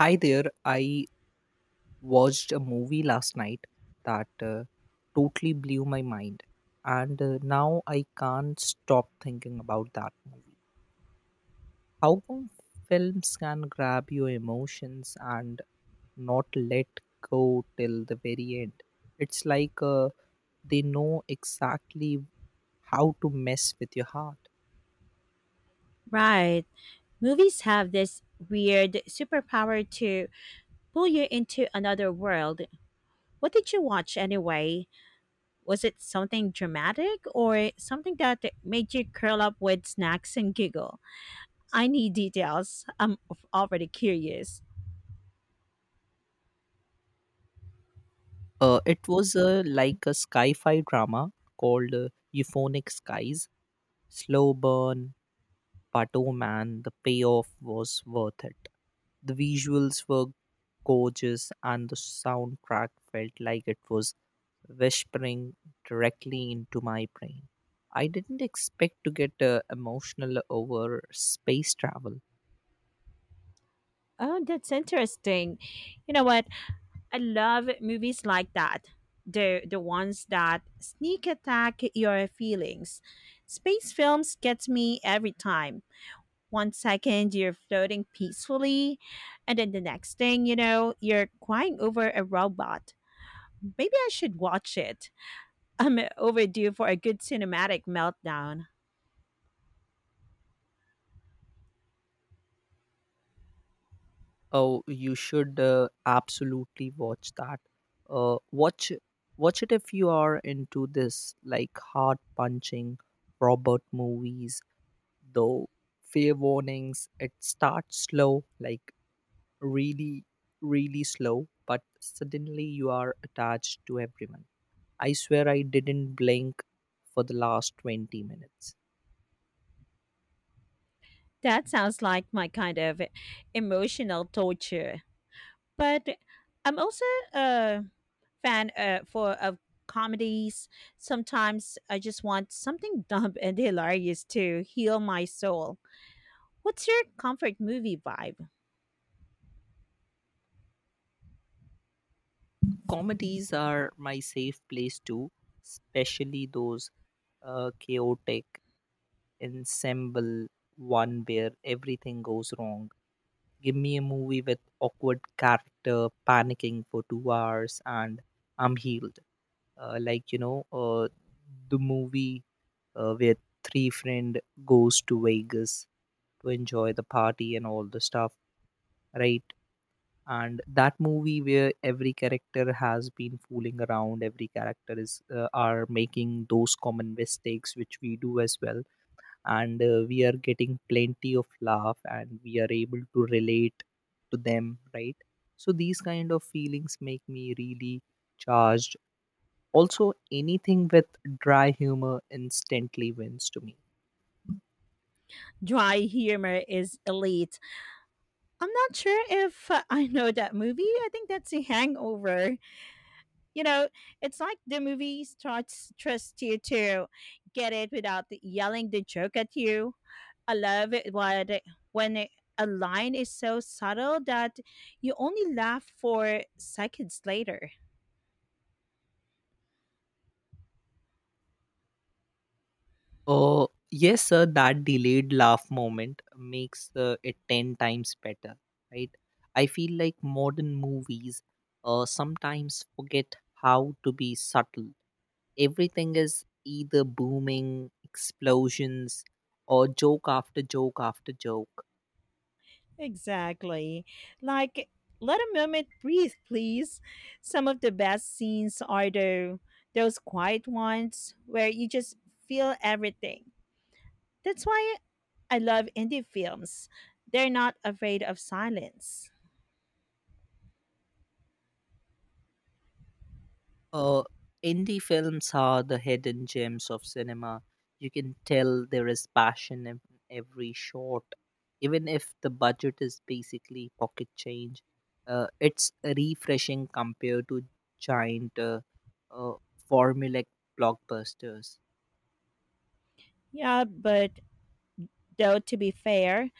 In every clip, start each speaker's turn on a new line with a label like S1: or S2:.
S1: Hi there. I watched a movie last night that totally blew my mind. And now I can't stop thinking about that movie. How come films can grab your emotions and not let go till the very end? It's like they know exactly how to mess with your heart.
S2: Right. Movies have this weird superpower to pull you into another world. What did you watch anyway? Was it something dramatic or something that made you curl up with snacks and giggle? I need details. I'm already curious.
S1: It was like a sci fi drama called Euphonic Skies, slow burn. But oh man, the payoff was worth it. The visuals were gorgeous, and the soundtrack felt like it was whispering directly into my brain. I didn't expect to get emotional over space travel.
S2: Oh, that's interesting. You know what? I love movies like that. The ones that sneak attack your feelings. Space films gets me every time one second you're floating peacefully, and then the next thing you know, you're crying over a robot. Maybe I should watch it. I'm overdue for a good cinematic meltdown.
S1: Oh, you should absolutely watch that. Uh, watch watch it if you are into this like heart punching robot movies, though fair warnings, it starts slow, like really really slow, but suddenly you are attached to everyone. I swear I didn't blink for the last 20 minutes.
S2: That sounds like my kind of emotional torture. But I'm also uh, fan for of comedies. Sometimes I just want something dumb and hilarious to heal my soul. What's your comfort movie vibe?
S1: Comedies are my safe place too, especially those chaotic ensemble one where everything goes wrong. Give me a movie with awkward character panicking for 2 hours and I'm healed. uh, like you know uh, the movie where three friend goes to Vegas to enjoy the party and all the stuff, right? And that movie where every character has been fooling around, every character is are making those common mistakes which we do as well, and we are getting plenty of laugh and we are able to relate to them, right? So these kind of feelings make me really charged. Also, anything with dry humor instantly wins to me.
S2: Dry humor is elite. I'm not sure if I know that movie. I think that's a hangover. You know, it's like the movie starts trust you to get it without yelling the joke at you. I love it when it- a line is so subtle that you only laugh for seconds later.
S1: Yes, sir, that delayed laugh moment makes it 10 times better, right? I feel like modern movies sometimes forget how to be subtle. Everything is either booming, explosions, or joke after joke after joke.
S2: Exactly. Like, let a moment breathe, please. Some of the best scenes are the those quiet ones where you just feel everything. That's why I love indie films. They're not afraid of silence.
S1: Uh, Indie films are the hidden gems of cinema. You can tell there is passion in every shot, even if the budget is basically pocket change. It's refreshing compared to giant uh, formulaic blockbusters.
S2: Yeah, but though to be fair,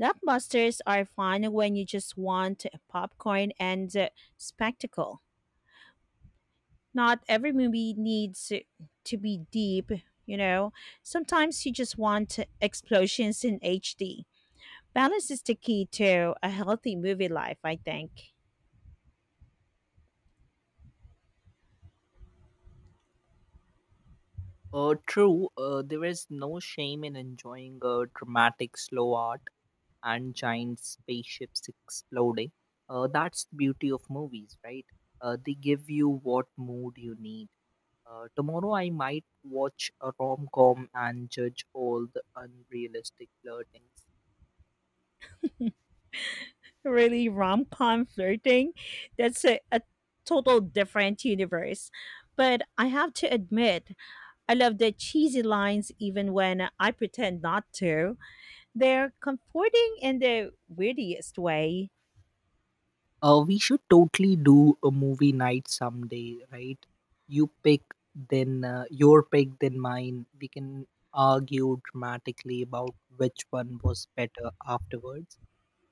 S2: blockbusters are fun when you just want popcorn and spectacle. Not every movie needs to be deep, you know. Sometimes you just want explosions in HD. Balance is the key to a healthy movie life, I think.
S1: True, there is no shame in enjoying a dramatic slow art and giant spaceships exploding. That's the beauty of movies, right? They give you what mood you need. Tomorrow, I might watch a rom com and judge all the unrealistic flirtings.
S2: Really, rom com flirting? That's a total different universe. But I have to admit, I love the cheesy lines even when I pretend not to. They're comforting in the weirdest way.
S1: We should totally do a movie night someday, right? You pick, your pick, then mine. We can argue dramatically about which one was better afterwards.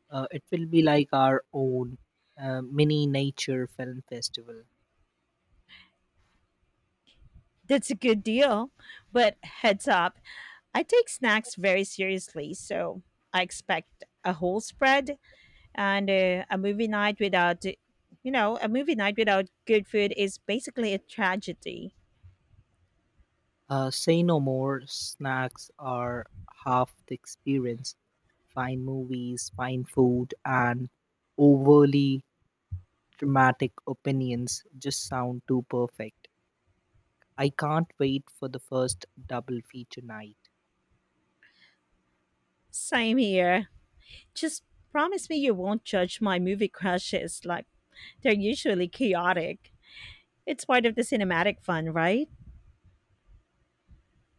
S1: It will be like our own mini nature film festival.
S2: That's a good deal. But heads up, I take snacks very seriously, so I expect a whole spread, and a movie night without good food is basically a tragedy.
S1: Say no more, snacks are half the experience. Fine movies, fine food, and overly dramatic opinions just sound too perfect. I can't wait for the first double feature night.
S2: Same here. Just promise me you won't judge my movie crushes. Like, they're usually chaotic. It's part of the cinematic fun, right?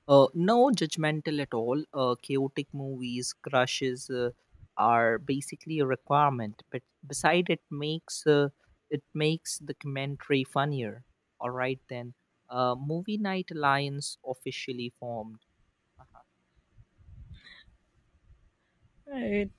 S1: No judgmental at all. Chaotic movies, crushes are basically a requirement. But beside, it makes the commentary funnier. All right then. Movie Night Alliance officially formed.
S2: Right.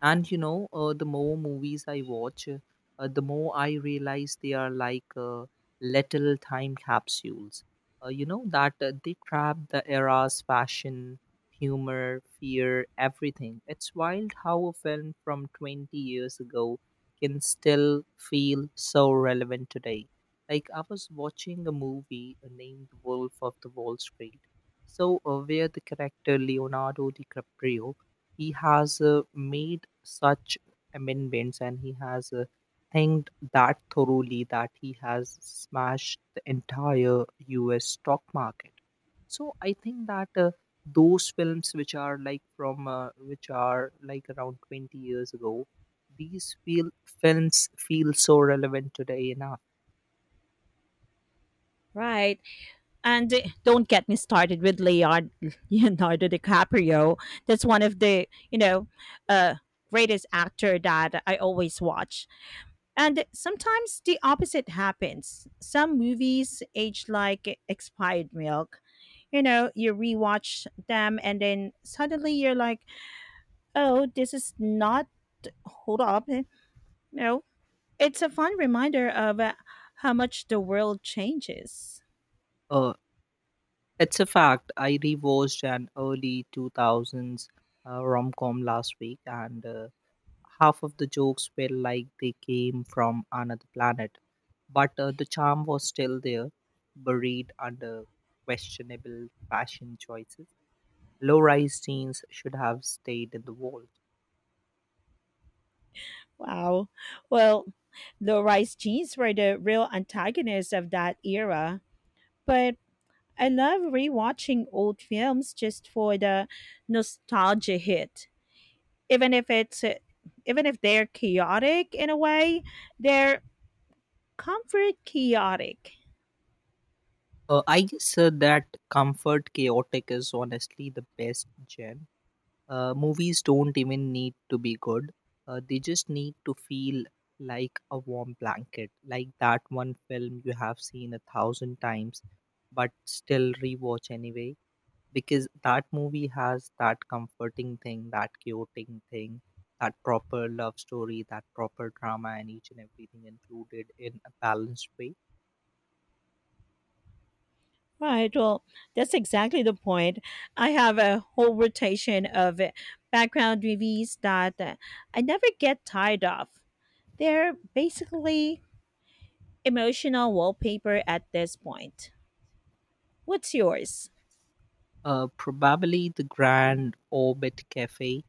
S1: And you know, the more movies I watch, the more I realize they are like little time capsules. You know, that They trap the era's fashion, humor, fear, everything. It's wild how a film from 20 years ago can still feel so relevant today. Like, I was watching a movie named Wolf of the Wall Street. So, where the character Leonardo DiCaprio, he has made such amendments and he has think that thoroughly that he has smashed the entire US stock market. So I think that those films which are like around 20 years ago, these feel films feel so relevant today enough.
S2: Right. And don't get me started with Leonardo DiCaprio. That's one of the, uh, greatest actor that I always watch. And sometimes the opposite happens. Some movies age like expired milk. You know, you rewatch them and then suddenly you're like, oh, this is not, hold up. No, it's a fun reminder of how much the world changes.
S1: Uh, it's a fact. I rewatched an early 2000s rom com last week and. Half of the jokes were like they came from another planet, but the charm was still there, buried under questionable fashion choices. Low rise jeans should have stayed in the vault.
S2: Wow. Well, low rise jeans were the real antagonists of that era. But I love rewatching old films just for the nostalgia hit. Even if it's uh, Even if they're chaotic in a way, they're comfort chaotic.
S1: I guess that comfort chaotic is honestly the best gen. Movies don't even need to be good. They just need to feel like a warm blanket, like that one film you have seen a thousand times, but still rewatch anyway, because that movie has that comforting thing, that chaotic thing, that proper love story, that proper drama, and each and everything included in a balanced way.
S2: Right. Well, that's exactly the point. I have a whole rotation of background movies that I never get tired of. They're basically emotional wallpaper at this point. What's yours?
S1: Probably the Grand Orbit Cafe.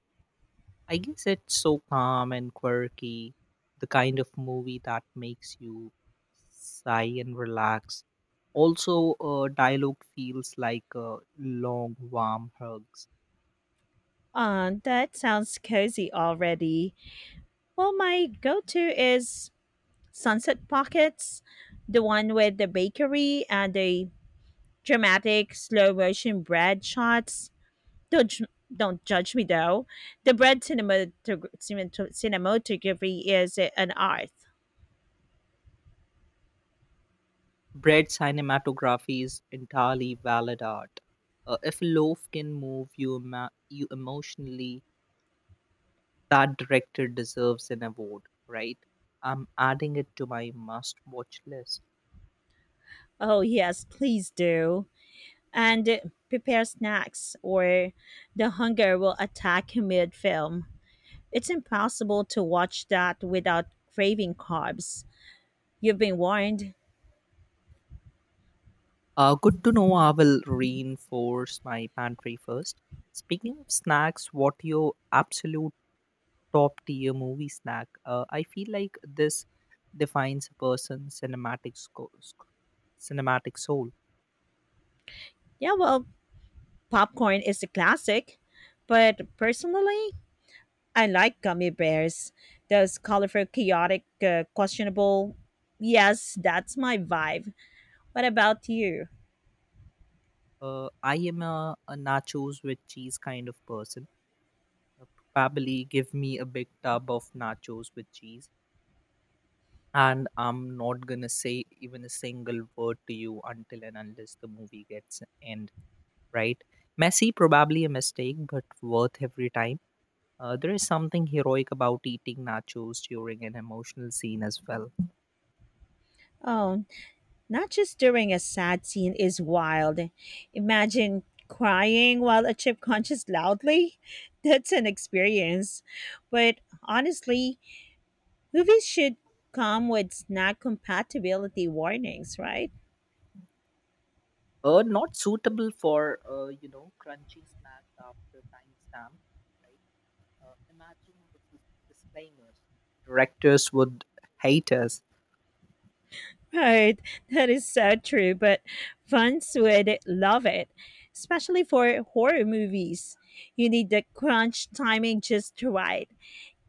S1: I guess it's so calm and quirky, the kind of movie that makes you sigh and relax. Also, dialogue feels like long, warm hugs.
S2: That sounds cozy already. Well, my go to is Sunset Pockets, the one with the bakery and the dramatic slow motion bread shots. Don't, ju- don't judge me though. The bread cinematography is an art.
S1: Bread cinematography is entirely valid art. If a loaf can move you emotionally, that director deserves an award, right? I'm adding it to my must watch list.
S2: Oh, yes, please do. And prepare snacks, or the hunger will attack mid film. It's impossible to watch that without craving carbs. You've been warned.
S1: Good to know. I will reinforce my pantry first. Speaking of snacks, what your absolute top tier movie snack? I feel like this defines a person's cinematic soul.
S2: Yeah, well, popcorn is a classic, but personally, I like gummy bears. Those colorful, chaotic, questionable. Yes, that's my vibe. What about you?
S1: I am a nachos with cheese kind of person. Uh, Probably give me a big tub of nachos with cheese, and I'm not gonna say even a single word to you until and unless the movie gets end, right? Messy, probably a mistake, but worth every time. There is something heroic about eating nachos during an emotional scene as well.
S2: Oh, not just during a sad scene is wild. Imagine crying while a chip crunches loudly. That's an experience. But honestly, movies should come with snack compatibility warnings, right?
S1: Not suitable for you know crunchy snacks after timestamp, right? Uh, imagine with disclaimers. Directors would hate us.
S2: Right, that is so true, but fans would love it, especially for horror movies. You need the crunch timing just right.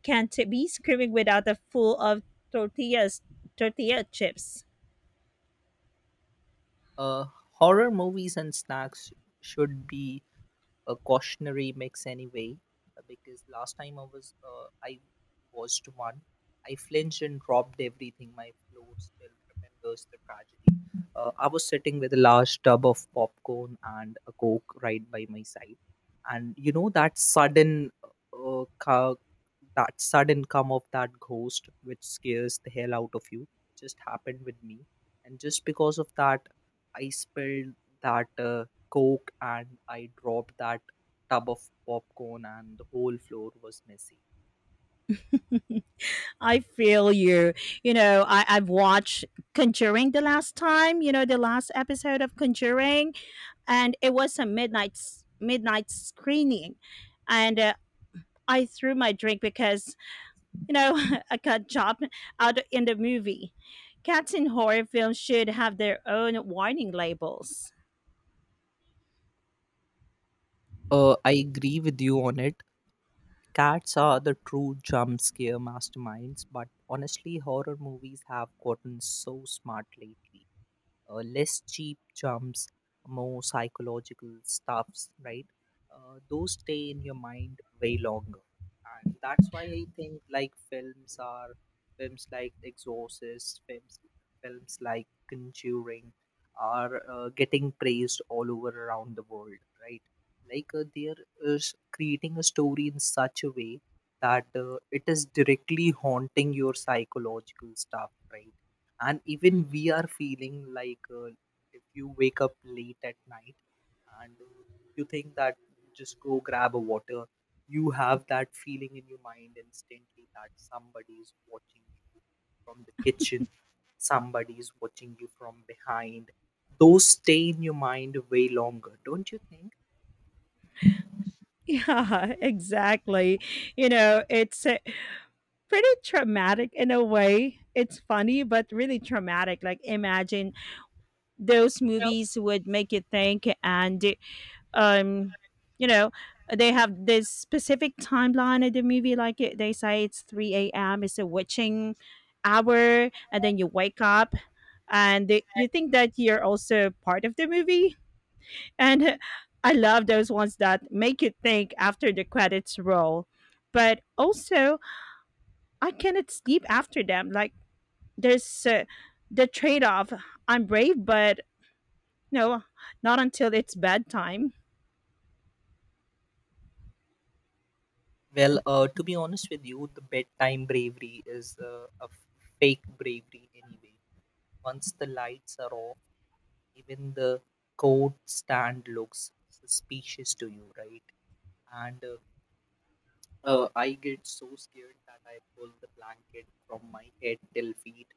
S2: Can't be screaming without a full of tortillas, tortilla chips.
S1: Uh, Horror movies and snacks should be a cautionary mix anyway, because last time I watched one, I flinched and dropped everything. My floor still remembers the tragedy. I was sitting with a large tub of popcorn and a Coke right by my side, and you know that that sudden come of that ghost which scares the hell out of you just happened with me, and just because of that I spilled that Coke and I dropped that tub of popcorn and the whole floor was messy.
S2: I feel you. You know, I've watched Conjuring the last time, you know, the last episode of Conjuring, and it was a midnight screening, and I threw my drink because you know I got jumped out in the movie. Cats in horror films should have their own warning labels.
S1: I agree with you on it. Cats are the true jump scare masterminds, but honestly, horror movies have gotten so smart lately. Less cheap jumps, more psychological stuffs, right? Those stay in your mind way longer. And that's why I think like films like Exorcist, films like Conjuring are getting praised all over around the world, right? Like they are creating a story in such a way that it is directly haunting your psychological stuff, right? And even we are feeling like if you wake up late at night and you think that just go grab a water, you have that feeling in your mind instantly that somebody is watching you from the kitchen, somebody is watching you from behind. Those stay in your mind way longer, don't you think?
S2: Yeah, exactly. You know, it's pretty traumatic in a way. It's funny, but really traumatic. Like, imagine, those movies would make you think, and um you know they have this specific timeline of the movie, they say it's 3 a.m., it's a witching hour, and then you wake up, and you think that you're also part of the movie, and I love those ones that make you think after the credits roll. But also, I cannot sleep after them. Like, there's the trade-off. I'm brave, but no, not until it's bedtime.
S1: Well, to be honest with you, the bedtime bravery is fake bravery anyway. Once the lights are off, even the coat stand looks suspicious to you, right? And I get so scared that I pull the blanket from my head till feet,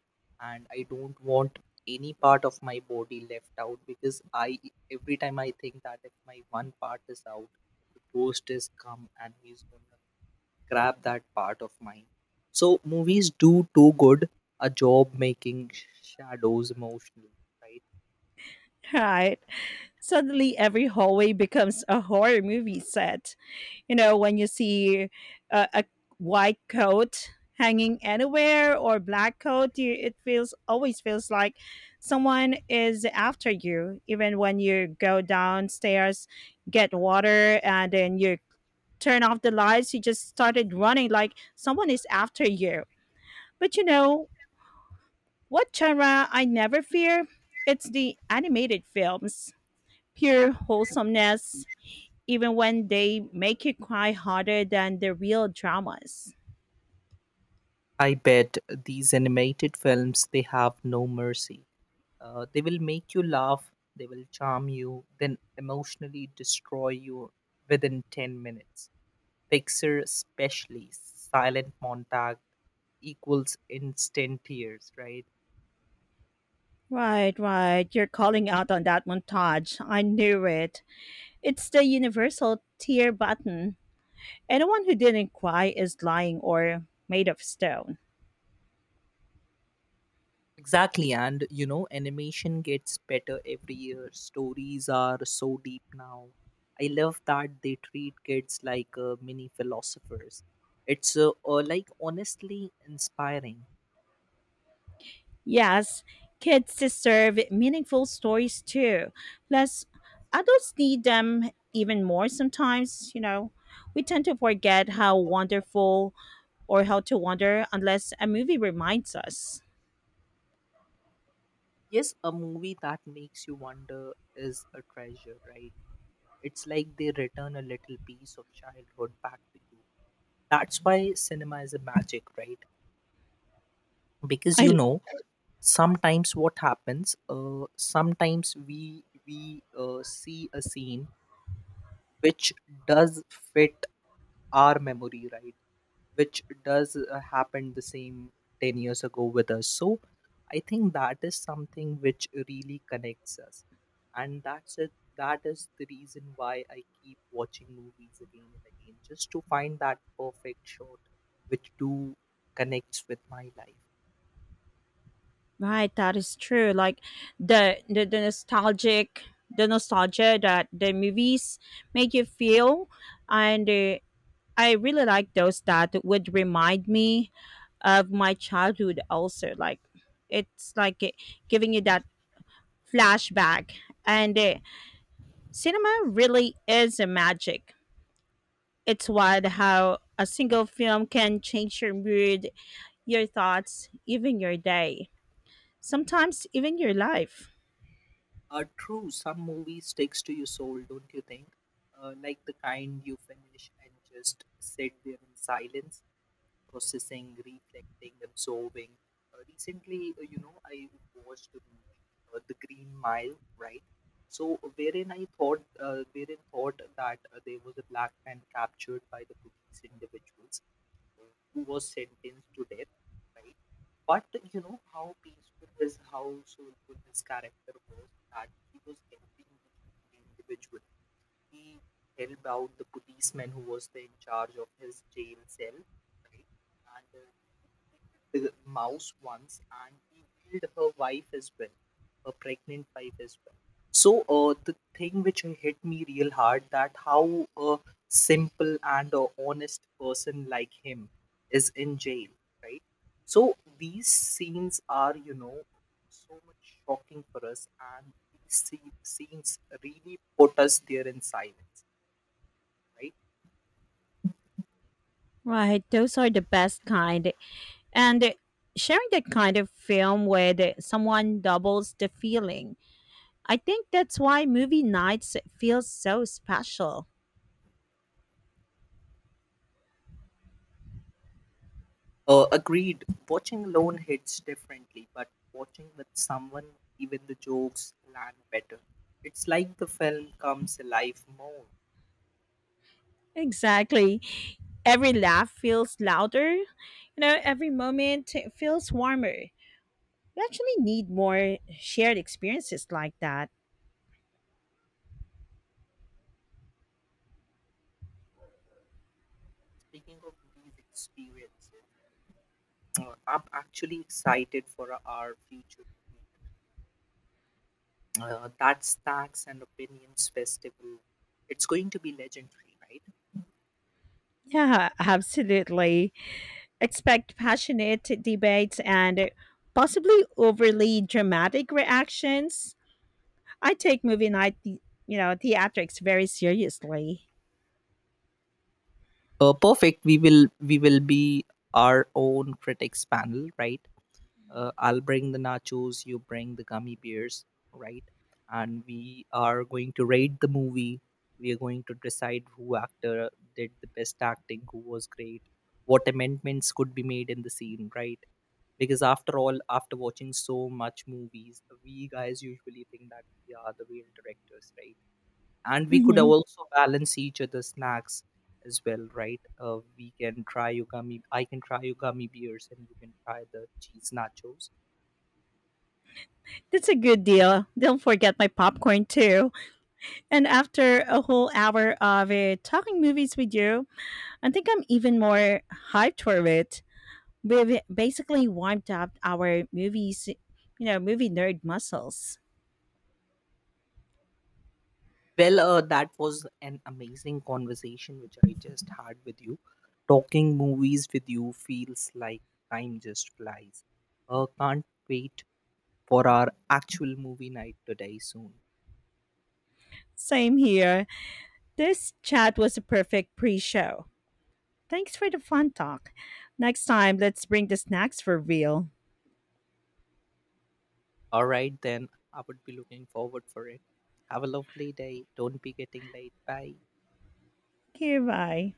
S1: and I don't want any part of my body left out, because I every time I think that if my one part is out, the ghost is come and he's gonna grab that part of mine. So movies do too good a job making shadows emotional, right?
S2: Right. Suddenly, every hallway becomes a horror movie set. You know, when you see a white coat hanging anywhere, or black coat, it feels always feels like someone is after you. Even when you go downstairs, get water, and then you turn off the lights, you just started running like someone is after you. But you know, what genre I never fear? It's the animated films. Pure wholesomeness, even when they make you cry harder than the real dramas.
S1: I bet these animated films they have no mercy. They will make you laugh, they will charm you, then emotionally destroy you within 10 minutes. Pixar especially silent montage equals instant tears, right?
S2: Right, right. You're calling out on that montage. I knew it. It's the universal tear button. Anyone who didn't cry is lying or made of stone.
S1: Exactly, and you know, animation gets better every year. Stories are so deep now. I love that they treat kids like mini philosophers. It's like honestly inspiring.
S2: Yes, kids deserve meaningful stories too. Plus, adults need them even more sometimes. We tend to forget how wonderful or how to wonder unless a movie reminds us.
S1: Yes, a movie that makes you wonder is a treasure, right? It's like they return a little piece of childhood back to you. That's why cinema is a magic, right? Because you
S2: I
S1: know, sometimes what happens, sometimes we see a scene which does fit our memory, right? Which does happen the same 10 years ago with us. So I think that is something which really connects us, and that's it. That is the reason why I keep watching movies again and again, just to find that perfect shot which do connects with my life.
S2: Right, that is true. Like, the the, the nostalgic the nostalgia that the movies make you feel. And I really like those that would remind me of my childhood also, like it's like it- giving you that flashback. And cinema really is a magic. It's wild how a single film can change your mood, your thoughts, even your day, sometimes even your life.
S1: True, some movie sticks to your soul, don't you think? Like the kind you finish and just sit there in silence, processing, reflecting, absorbing. Recently, you know, I watched a movie, The Green Mile, right? So, wherein thought that there was a black man captured by the police individuals, uh, who was sentenced to death, right? But you know how peaceful his, how soulful his character was, that he was helping each individual. He helped out the policeman who was the in charge of his jail cell, right? And he killed the mouse once, and he killed her wife as well, her pregnant wife as well. So the thing which hit me real hard that how a simple and a honest person like him is in jail, right? So these scenes are, you know, so much shocking for us, and these scenes really put us there in silence, right?
S2: Right, those are the best kind, and sharing that kind of film with someone doubles the feeling. I think that's why movie nights feels so special.
S1: Agreed. Watching alone hits differently, but watching with someone, even the jokes land better. It's like the film comes alive more.
S2: Exactly. Every laugh feels louder. You know, every moment feels warmer. We actually need more shared experiences like that.
S1: Speaking of these experiences, I'm actually excited for our future movie. That Stacks and Opinions Festival. It's going to be legendary, right?
S2: Yeah, absolutely. Expect passionate debates and possibly overly dramatic reactions. I take movie night, theatrics very seriously.
S1: Perfect, we will be our own critics panel, right? I'll bring the nachos, you bring the gummy bears, right? And we are going to rate the movie, we are going to decide who actor did the best acting, who was great, what amendments could be made in the scene, right? Because after all, after watching so much movies, we guys usually think that we are the real directors, right? And we could
S2: Hmm.
S1: also balance each other's snacks as well, right? We can try yugami, I can try yugami beers and you can try the cheese nachos.
S2: That's a good deal. Don't forget my popcorn too. And after a whole hour of talking movies with you, I think I'm even more hyped for it. We've basically warmed up our movie nerd muscles.
S1: Well, that was an amazing conversation which I just had with you. Talking movies with you feels like time just flies. Can't wait for our actual movie night today soon.
S2: Same here. This chat was a perfect pre show. Thanks for the fun talk. Next time, let's bring the snacks for real.
S1: All right then, I would be looking forward for it. Have a lovely day. Don't be getting late. Bye.
S2: Okay, bye.